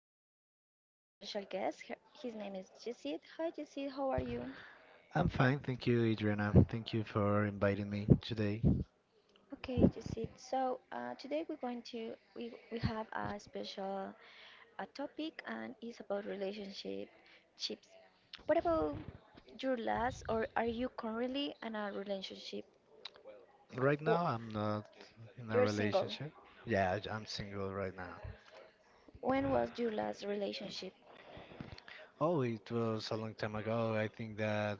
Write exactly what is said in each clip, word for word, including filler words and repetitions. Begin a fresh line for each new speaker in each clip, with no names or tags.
I got a special guest. Her, his name is Jesse. Hi Jesse, how are you?
I'm fine, thank you, Adriana. Thank you for inviting me today.
Okay Jesse. So uh, today we're going to we we have a special a topic and it's about relationship chips What about your last, or are you currently in a relationship?
Right
Oh,
now, I'm not in a
you're single.
relationship. Yeah, I- I'm single right now.
When was your last relationship?
Oh, it was a long time ago. I think that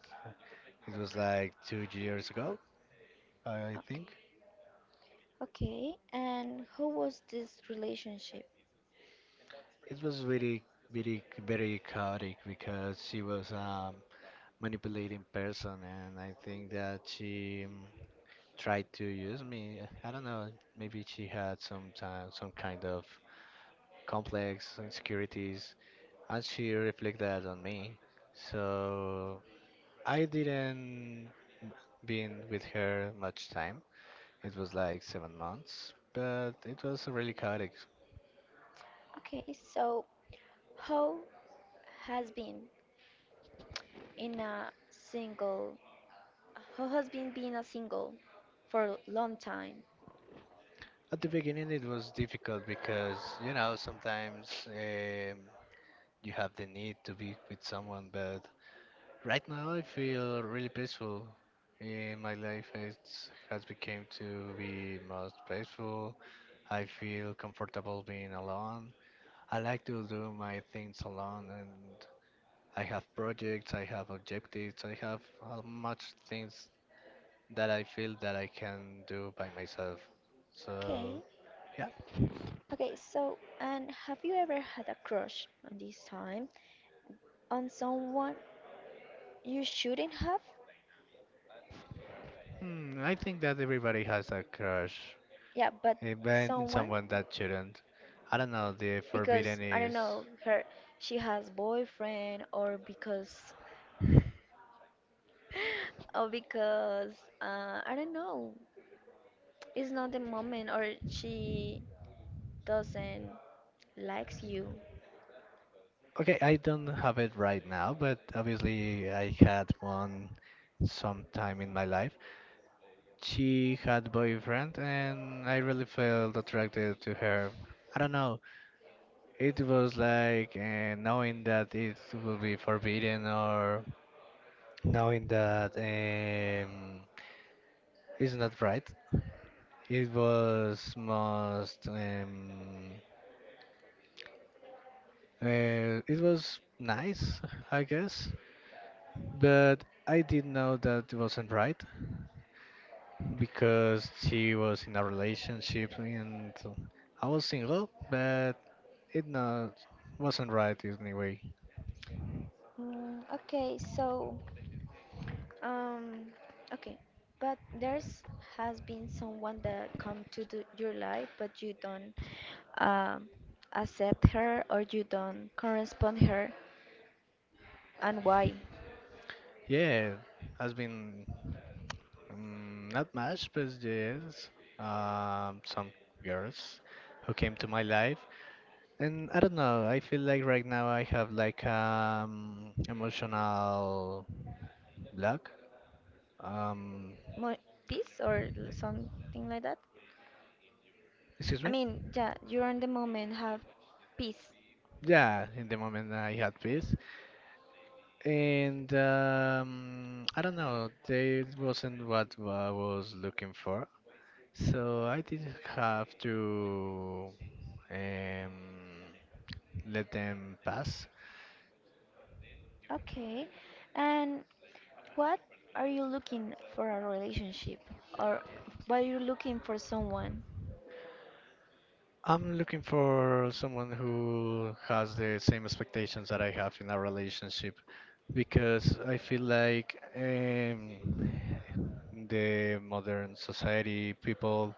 it was like two years ago, I think.
Okay. Okay, and how was this relationship?
It was really, really, very chaotic because she was a manipulating person, and I think that she um, tried to use me. I don't know, maybe she had some time, some kind of complex insecurities actually reflect that on me. So I didn't been with her much time. It was like seven months, but it was really chaotic.
Okay, so how has been in a single, how has been being a single for a long time?
At the beginning, it was difficult because you know sometimes um, you have the need to be with someone, but right now I feel really peaceful. In my life, it has become to be most peaceful. I feel comfortable being alone. I like to do my things alone, and I have projects, I have objectives, I have uh, much things that I feel that I can do by myself.
Okay,
So, yeah.
okay, so and have you ever had a crush on this time on someone you shouldn't have?
Hmm, I think that everybody has a crush,
Yeah, but
even
someone,
someone that shouldn't. I don't know, the forbidden
because I don't
is.
know her, she has boyfriend, or because, or because uh, I don't know. It's not the moment, or she doesn't likes you.
Okay, I don't have it right now, but obviously I had one sometime in my life. She had boyfriend and I really felt attracted to her. I don't know. It was like uh, knowing that it will be forbidden or knowing that um, it's not right. It was most um, uh, it was nice, I guess, but I did know that it wasn't right because she was in a relationship and I was single, but it not wasn't right anyway.
Mm, okay, so Um, okay, but there's has been someone that come to the, your life, but you don't um, accept her or you don't correspond her, and why?
Yeah, has been um, not much, but yes, um, some girls who came to my life, and I don't know. I feel like right now I have like um emotional block. Um,
Mo Peace or l- something like that?
Excuse
I
me.
mean, yeah, you're in the moment, have peace.
Yeah, in the moment I had peace, and um, I don't know. They wasn't what I was looking for. So I did have to um, let them pass.
Okay, and What are you looking for a relationship or what are you looking for someone?
I'm looking for someone who has the same expectations that I have in a relationship because I feel like um, the modern society people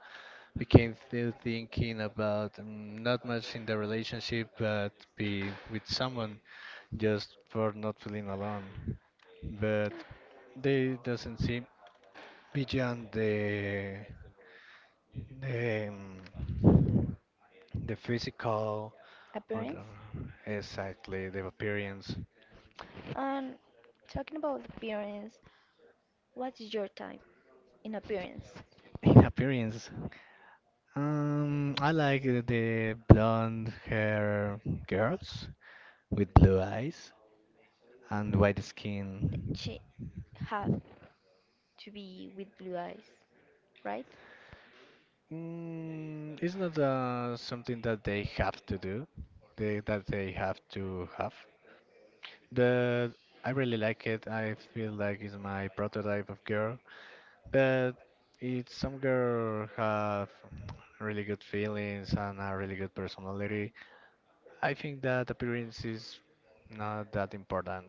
became still thinking about mm, not much in the relationship but be with someone just for not feeling alone. But they doesn't seem beyond the the, um, the physical or the,
Appearance?
exactly the appearance.
And talking about appearance, what is your type in appearance?
In appearance, um, I like the the blonde hair girls with blue eyes and white
Th-
skin.
She have to be with blue eyes, right?
Mm, it's not uh, something that they have to do, they, that they have to have, but I really like it. I feel like it's my prototype of girl. But if some girl have really good feelings and a really good personality, I think that appearance is not that important.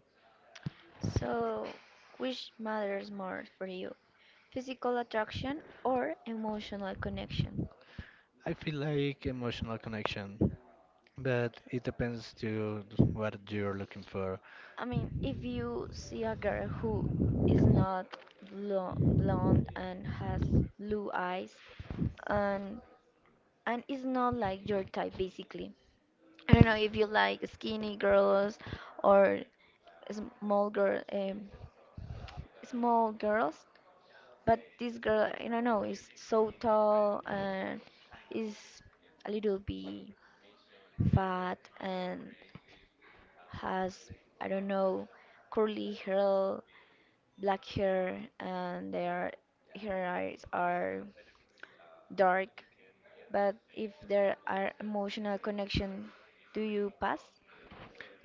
So, which matters more for you? Physical attraction or emotional connection?
I feel like emotional connection, but it depends to what you're looking for.
I mean, if you see a girl who is not blo blonde and has blue eyes and and is not like your type basically. I don't know if you like skinny girls or small girl um, small girls, but this girl, I don't know, is so tall and is a little bit fat and has, I don't know, curly hair, black hair, and their her eyes are dark. But if there are emotional connection, do you pass?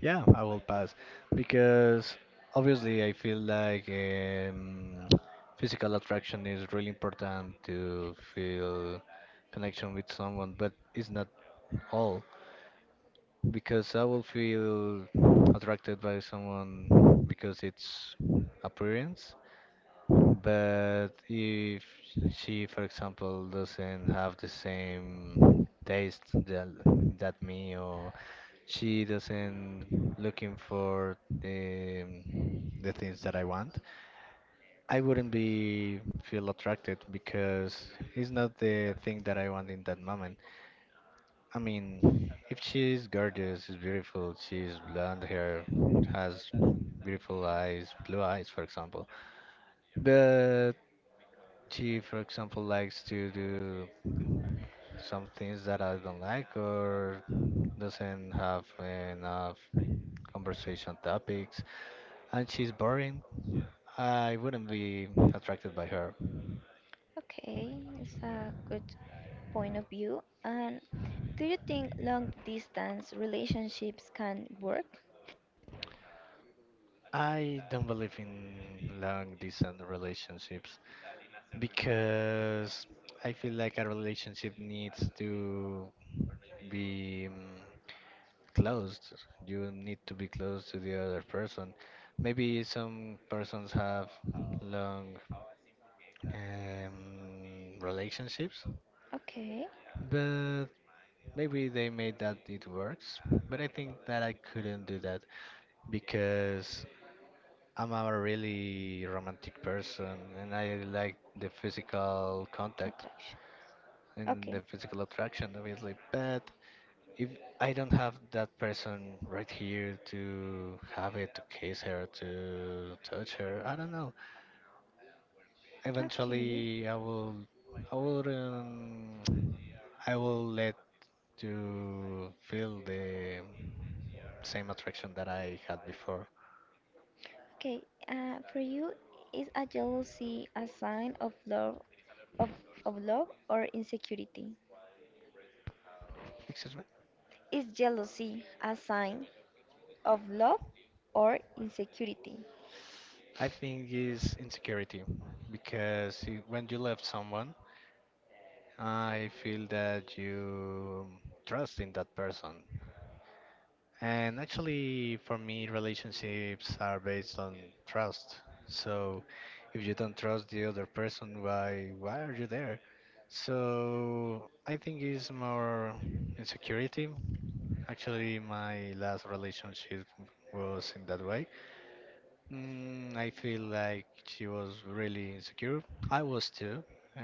Yeah, I will pass because obviously I feel like um, physical attraction is really important to feel connection with someone, but it's not all. Because I will feel attracted by someone because it's appearance. But if she, for example, doesn't have the same taste that, that me, or she doesn't looking for the the things that I want, I wouldn't be feel attracted because it's not the thing that I want in that moment. I mean, if she's gorgeous, she's beautiful, she's blonde hair, has beautiful eyes, blue eyes, for example. But she, for example, likes to do some things that I don't like or doesn't have enough conversation topics, and she's boring. I wouldn't be attracted by her.
Okay, it's a good point of view. And do you think long distance relationships can work?
I don't believe in long distance relationships, because I feel like a relationship needs to be um, closed. You need to be close to the other person. Maybe some persons have long um, relationships,
Okay,
but maybe they made that it works. But I think that I couldn't do that because I'm a really romantic person and I like the physical contact.
attraction.
And the
Okay,
physical attraction, obviously. But if I don't have that person right here to have it, to kiss her, to touch her, I don't know.
okay,
Eventually, I will, I will, um, I will let to feel the same attraction that I had before.
okay. Uh, for you, is a jealousy a sign of love, of, of love or insecurity?
Excuse me.
Is jealousy a sign of love or insecurity?
I think is insecurity because i- when you love someone, I feel that you trust in that person. And actually, for me, relationships are based on trust. So, if you don't trust the other person, why why are you there? So, I think it's more insecurity. Actually, my last relationship was in that way. Mm, I feel like she was really insecure. I was too. Uh,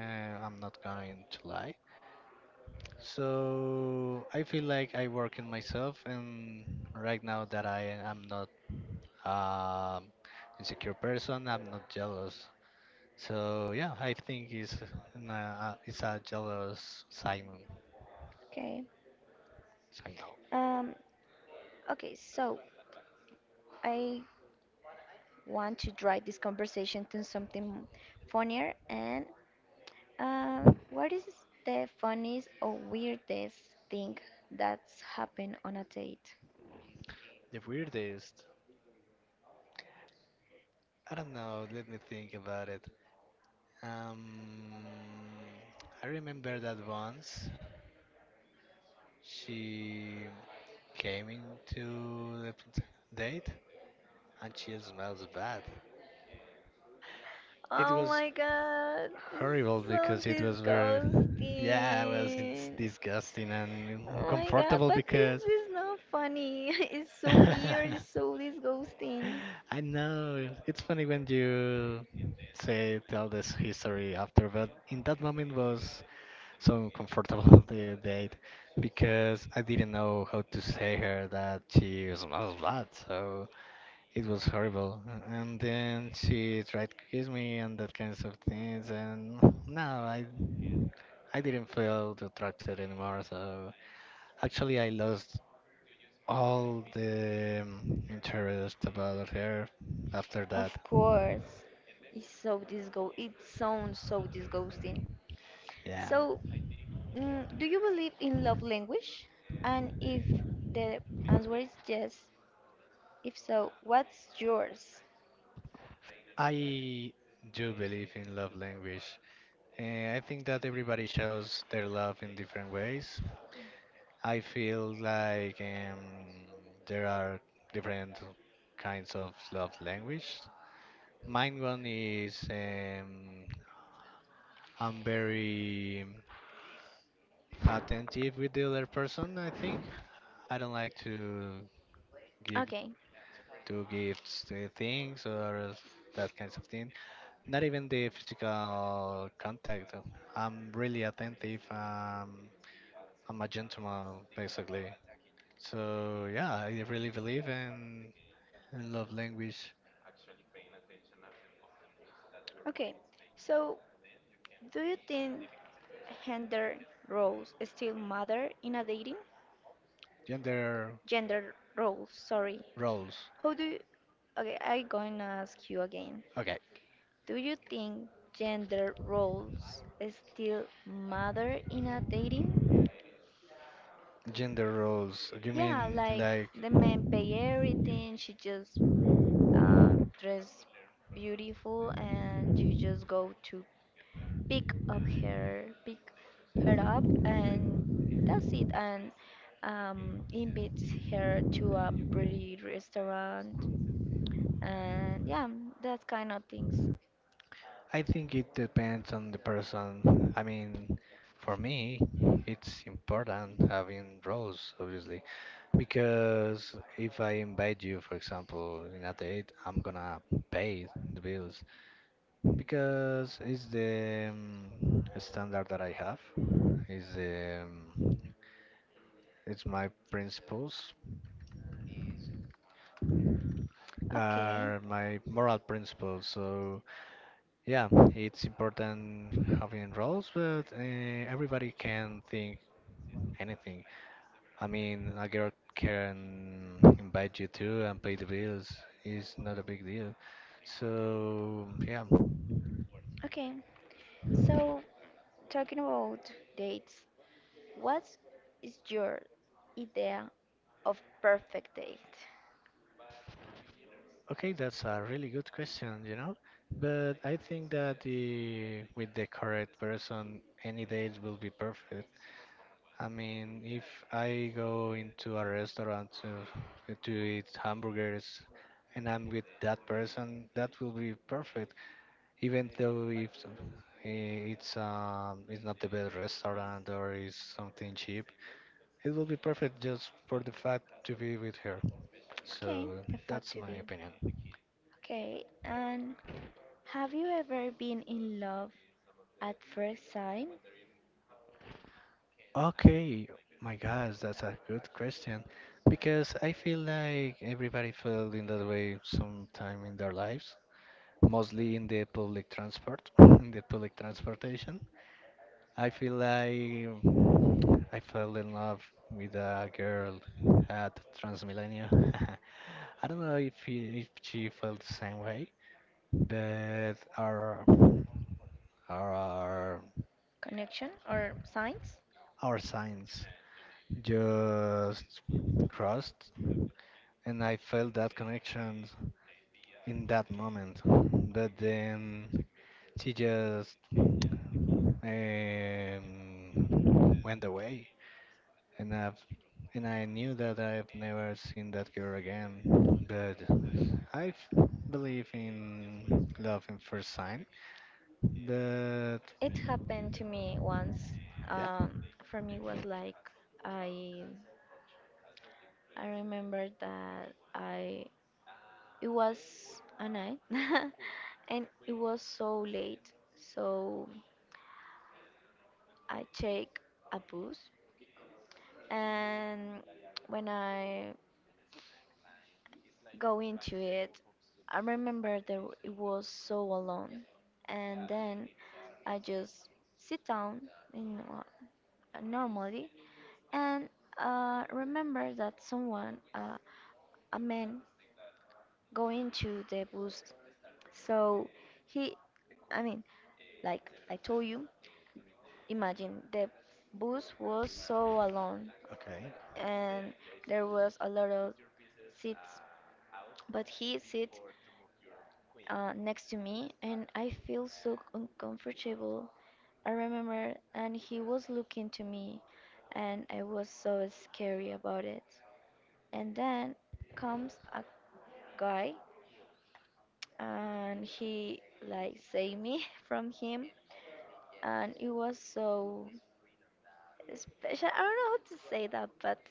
I'm not going to lie. So I feel like I work in myself, and right now that I am not um, insecure person. I'm not jealous. So yeah, I think it's an, uh, it's a jealous sign
Okay.
signal.
Um, okay, so I want to drive this conversation to something funnier. And uh, what is the funniest or weirdest thing that's happened on a date?
The weirdest. I don't know. Let me think about it. Um, I remember that once she came into the p- date and she smells bad. It
Oh
was
my god, this is
horrible
so
because it was very, yeah, it was it's
disgusting.
disgusting and
Oh my god,
uncomfortable
but is
because
this not funny? It's so weird, it's so disgusting.
I know. It's funny when you say tell this history after, but in that moment was so uncomfortable the date because I didn't know how to say her that she smells bad, so it was horrible. And then she tried to kiss me and that kinds of things, and no, I I didn't feel attracted anymore. So actually, I lost all the um, interest about her after
Of
that.
course, it's so disgo. It sounds so disgusting.
Yeah,
So, mm, do you believe in love language? And if the answer is yes, if so, what's yours?
I do believe in love language. Uh, I think that everybody shows their love in different ways. I feel like um, there are different kinds of love language. Mine one is um, I'm very attentive with the other person, I think. I don't like to give
Okay,
to gifts, uh, things, or that kinds of thing. Not even the physical contact. I'm really attentive. Um, I'm a gentleman, basically. So yeah, I really believe in, in love language.
okay. So, do you think gender roles still matter in a dating?
Gender
Gender roles, sorry.
roles.
How do you... Okay, I going to ask you again.
Okay,
Do you think gender roles still matter in a dating?
gender roles. You
Yeah,
mean
like
like
the men pay everything, she just um, dress beautiful, and you just go to pick up her pick her up and that's it, and um, invites her to a pretty restaurant and yeah, that kind of things.
I think it depends on the person. I mean, for me, it's important having roles, obviously, because if I invite you, for example, in a date, I'm gonna pay the bills because it's the um, standard that I have. It's um, it's my principles,
Okay,
are my moral principles. So yeah, it's important having roles, but uh, everybody can think anything. I mean, a girl can invite you to and pay the bills. It's not a big deal. So, yeah.
okay. So talking about dates, what is your idea of perfect date?
Okay, that's a really good question, you know? But I think that the, with the correct person, any date will be perfect. I mean, if I go into a restaurant to, to eat hamburgers and I'm with that person, that will be perfect. Even though if eh, it's um it's not the best restaurant or is something cheap, it will be perfect just for the fact to be with her. So
Okay, the fact
that's
to
my
be.
opinion.
Okay, and have you ever been in love at first sight?
Okay, my gosh, that's a good question because I feel like everybody felt in that way sometime in their lives, mostly in the public transport, in the public transportation. I feel like I fell in love with a girl at Transmillennial. I don't know if, he, if she felt the same way, but our our
Connection or signs?
our signs just crossed, and I felt that connection in that moment. But then she just um, went away. And I've and I knew that I've never seen that girl again. But I f- believe in love in first sign. But
It happened to me once.
yeah.
Um, for me it was like I I remember that I it was a night and it was so late, so I take a bus, and when I go into it, I remember that it was so alone. And then I just sit down in, uh, normally, and uh, remember that someone, uh, a man, go into the bus. So he, I mean, like I told you, imagine the bus was so alone
Okay.
and there was a lot of seats, but he sit uh, next to me, and I feel so uncomfortable. I remember, and he was looking to me, and I was so scary about it. And then comes a guy, and he like saved me from him, and it was so special. I don't know how to say that, but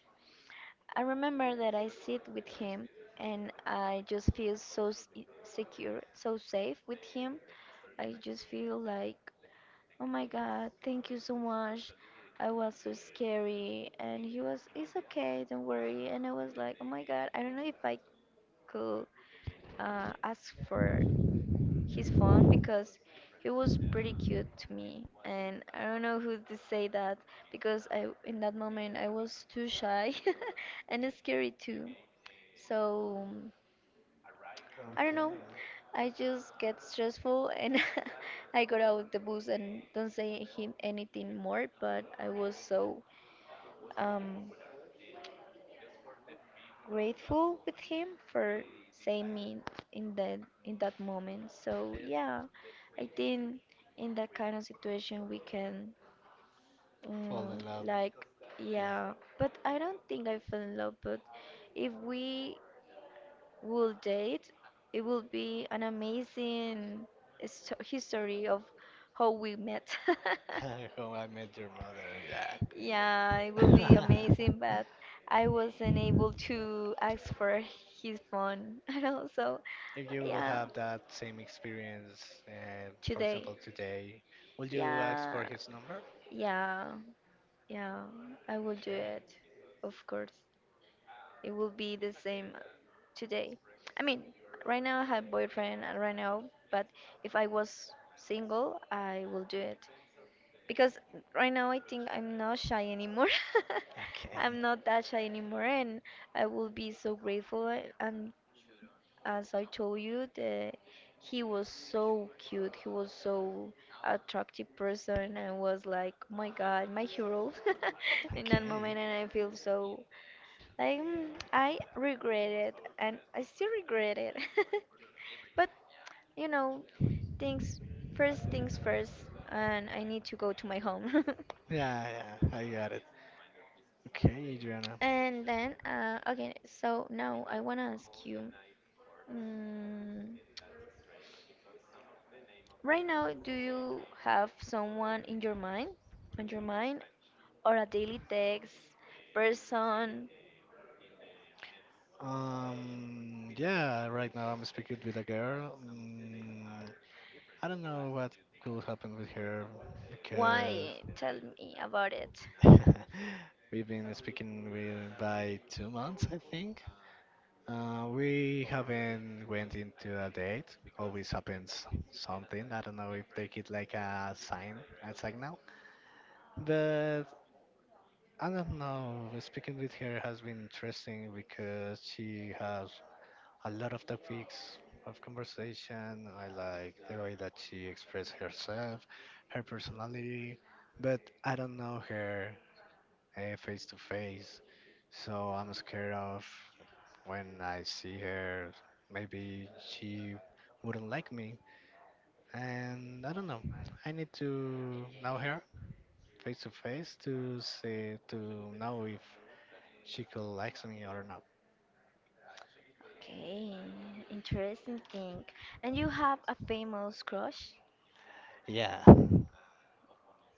I remember that I sit with him and I just feel so s- secure, so safe with him. I just feel like, oh my God, thank you so much. I was so scary. And he was, it's okay, don't worry. And I was like, oh my God, I don't know if I could uh, ask for his phone because he was pretty cute to me. And I don't know who to say that because I, in that moment, I was too shy and scary too. So um, I don't
Okay.
know. I just get stressful and I got out of the bus and don't say him anything more, but I was so um, grateful with him for saving me in that in that moment. So yeah, I think in that kind of situation we can
Fall
um,
in love.
like
Yeah,
yeah, but I don't think I fell in love. But if we will date, it will be an amazing histo- history of how we met.
how I met your mother. Yeah.
Yeah, it would be amazing, but I wasn't able to ask for his phone. I know, so
If you will
yeah,
have that same experience, uh, for
today.
example, today, will you ask for
Yeah,
his number?
yeah, yeah, I will do
Okay.
it. Of course. It will be the same today. I mean, right now I have boyfriend uh, right now, but if I was single, I will do it. Because right now I think I'm not shy anymore.
Okay.
I'm not that shy anymore, and I will be so grateful. a- And as I told you, the, he was so cute. He was so attractive person. I was like, oh my God, my hero in that moment,
Okay.
and I feel so like mm, I regret it, and I still regret it. But you know, things first things first, and I need to go to my home.
Yeah, yeah, I got it. Okay, Adriana.
And then, uh, okay, so now I want to ask you, mm, right now, do you have someone in your mind, on your mind, or a daily text person?
Um, yeah, right now I'm speaking with a girl. Mm, I don't know what could happen with her because
Why? Tell me about it.
we've been speaking with by two months, I think. Uh, we haven't went into a date. Always happens something. I don't know if they get like a sign, a signal. But I don't know. Speaking with her has been interesting because she has a lot of topics of conversation. I like the way that she expressed herself, her personality, but I don't know her uh, face to face, so I'm scared of when I see her, maybe she wouldn't like me. And I don't know. I need to know her face to face to see to know if she could like me or not.
Okay, interesting thing. And you have a famous crush?
Yeah.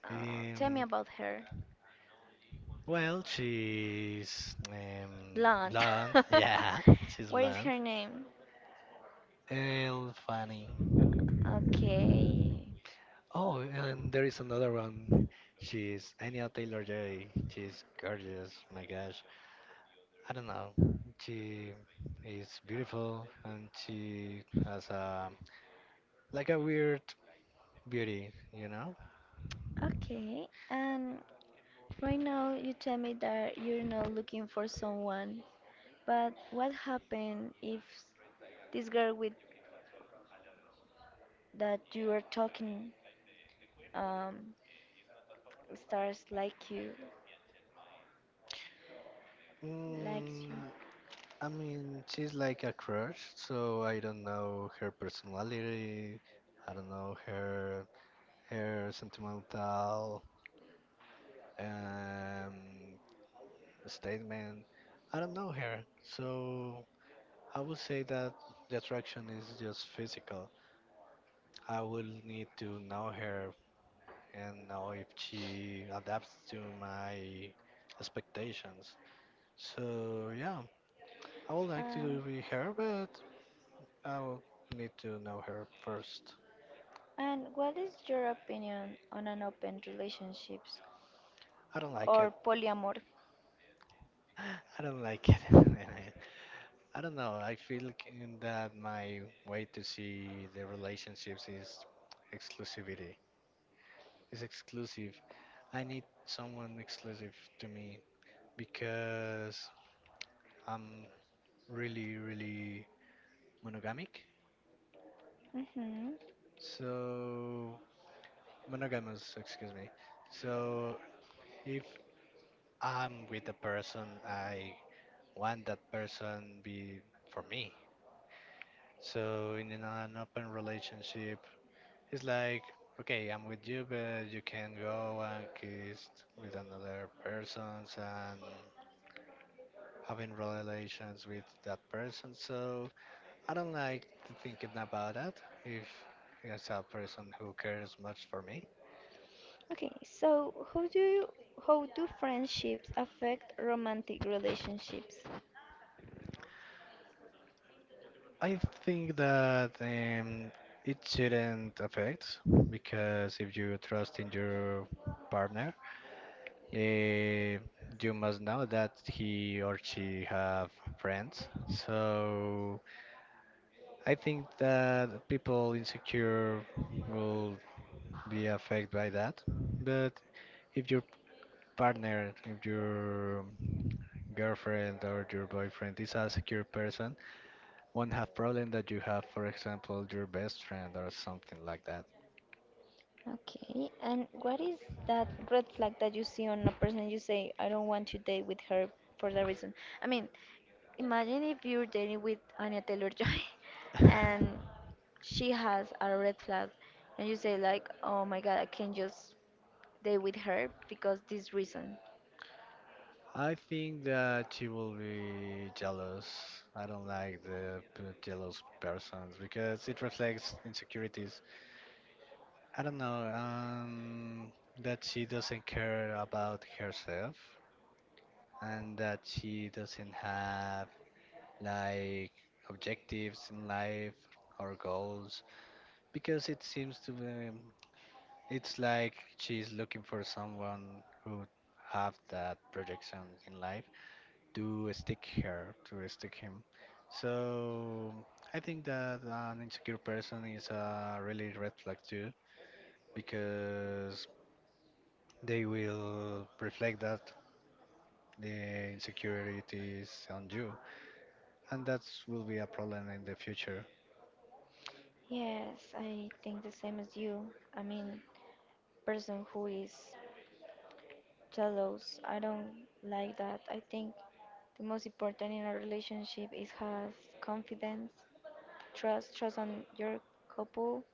Uh, tell me
Um,
about her.
Well, she's um,
Blonde.
blonde. Yeah, she's
What is
blonde.
her name?
And funny.
Okay.
Oh, and there is another one. She's Anya Taylor-Joy. She's gorgeous. My gosh. I don't know. She is beautiful and she has a like a weird beauty, you know?
Okay. And right now, you tell me that you're not looking for someone, but what happened if this girl with that you are talking um, starts like you, likes
Mm,
you?
I mean, she's like a crush, so I don't know her personality. I don't know her her sentimental um, statement. I don't know her, so I would say that the attraction is just physical. I will need to know her and know if she adapts to my expectations. So yeah, I would like
Um,
to be her, but I will need to know her first.
and what is your opinion on an open relationships
I don't like it.
or polyamor?
I don't like it. I don't know. I feel kin- that my way to see the relationships is exclusivity. It's exclusive. I need someone exclusive to me because I'm really, really monogamic.
Hmm.
So, monogamous, excuse me. So, if I'm with a person, I want that person be for me. So, in an open relationship, it's like, okay, I'm with you, but you can go and kiss with another persons and having relations with that person. So I don't like to thinking about that. If it's a person who cares much for me,
Okay, so how do you, how do friendships affect romantic relationships?
I think that um, it shouldn't affect because if you trust in your partner, eh, you must know that he or she have friends. So I think that people insecure will be affected by that. But if your partner, if your girlfriend or your boyfriend is a secure person, won't have problem that you have, for example, your best friend or something like that.
Okay, and what is that red flag that you see on a person you say, I don't want to date with her for that reason? I mean, imagine if you're dating with Anya Taylor-Joy and she has a red flag and you say like, oh my God, I can't just date with her because this reason.
I think that she will be jealous. I don't like the p- jealous persons because it reflects insecurities. I don't know, um, that she doesn't care about herself and that she doesn't have like objectives in life or goals because it seems to be it's like she's looking for someone who have that projection in life to stick her to stick him, so I think that an insecure person is a really red flag too because they will reflect that the insecurities on you and that will be a problem in the future.
Yes, I think the same as you. I mean, person who is jealous. I don't like that. I think the most important in a relationship is has confidence, trust, trust on your couple,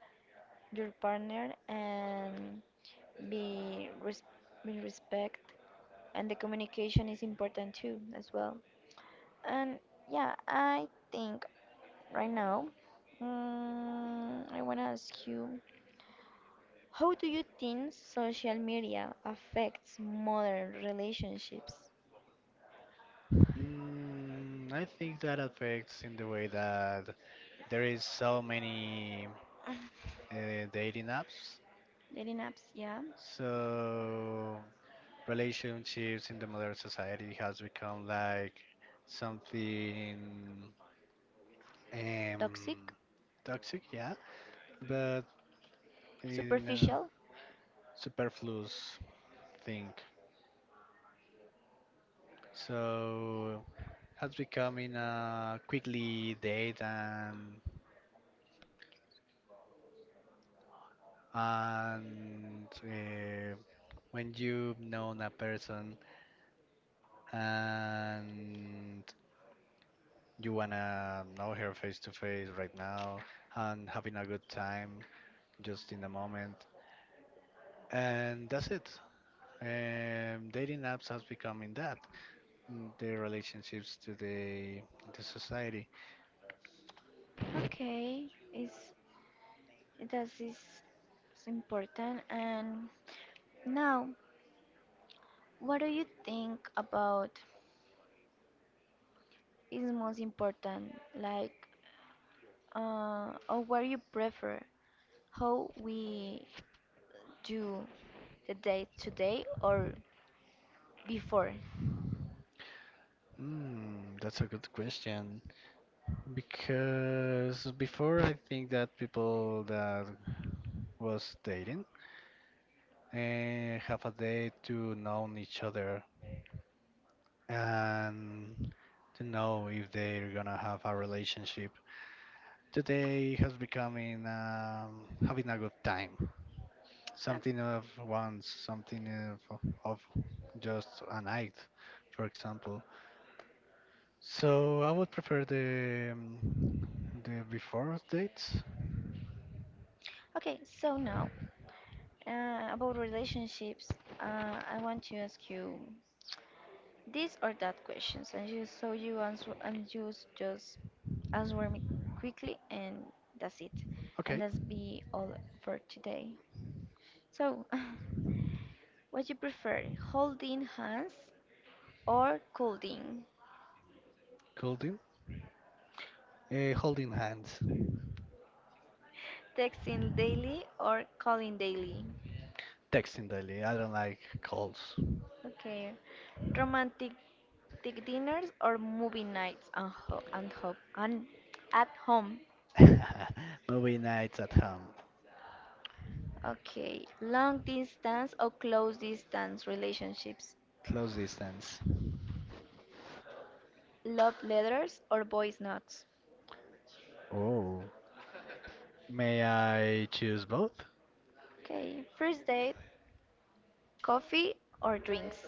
your partner, and be res- be respect. And the communication is important too, as well. And yeah, I think right now, mm, I wanna ask you, how do you think social media affects modern relationships?
Mm, I think that affects in the way that there is so many uh, dating apps.
Dating apps, yeah.
So relationships in the modern society has become like something
Toxic,
um, toxic, yeah, but in a
superficial.
superfluous thing. So has become in a quickly date and And uh, when you've known a person and you wanna know her face to face right now and having a good time just in the moment, and that's it. Um, dating apps has become in that mm, the relationships to the the society.
Okay, is that is important. And now, what do you think about is most important? Like, uh, or what you prefer? How we do the date today or before?
Hmm, that's a good question. Because before I think that people that was dating and have a day to know each other and to know if they're gonna have a relationship. Today has becoming um, having a good time,
Uh,
something of once, something of, of just a night, for example. So I would prefer the um, the before dates.
Okay, so now uh, about relationships, uh, I want to ask you this or that questions, and you so you answer, and you s- just answer me quickly, and that's it. And
Okay,
that's be all for today. So, what you prefer, holding hands or colding?
cool deal. Uh, holding hands,
Texting daily or calling daily?
texting daily. I don't like calls.
Okay, romantic romantic dinners or movie nights and ho- and home and at home.
Movie nights at home.
Okay, long distance or close distance relationships.
Close distance.
Love letters or voice notes.
Oh, may I choose both?
Okay. First date, coffee or drinks.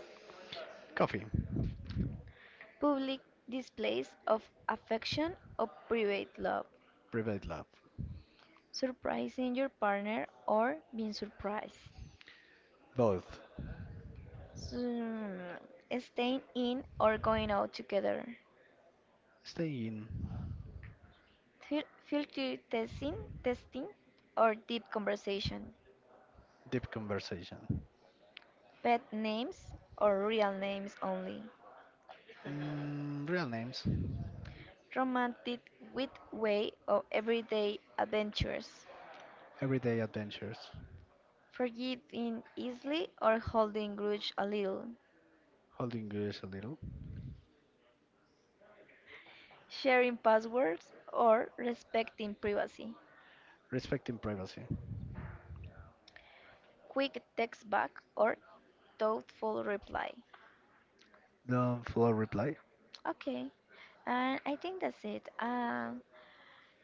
Coffee,
Public displays of affection or private love.
private love,
Surprising your partner or being surprised.
both.
Hmm. Staying in or going out together.
Stay in,
Fil- Filter testing, Testing or deep conversation.
deep conversation.
Pet names or real names only.
Mm, real names,
Romantic with way of everyday adventures.
everyday adventures,
Forgiving easily or holding grudge a little,
holding yours a little,
sharing passwords or respecting privacy,
respecting privacy.
quick text back or thoughtful reply.
Don't flow reply.
Okay, and I think that's it. Um,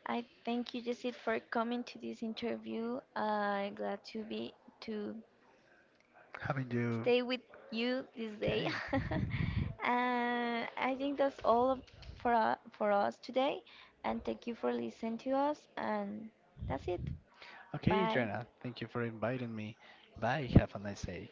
I thank you, Jessit, for coming to this interview. I'm glad to be to
Haven't you?
stay with you this day.
Okay.
And I think that's all of- for uh, for us today. And thank you for listening to us. And that's it.
Okay,
Bye.
Adriana, thank you for inviting me. Bye, have a nice day.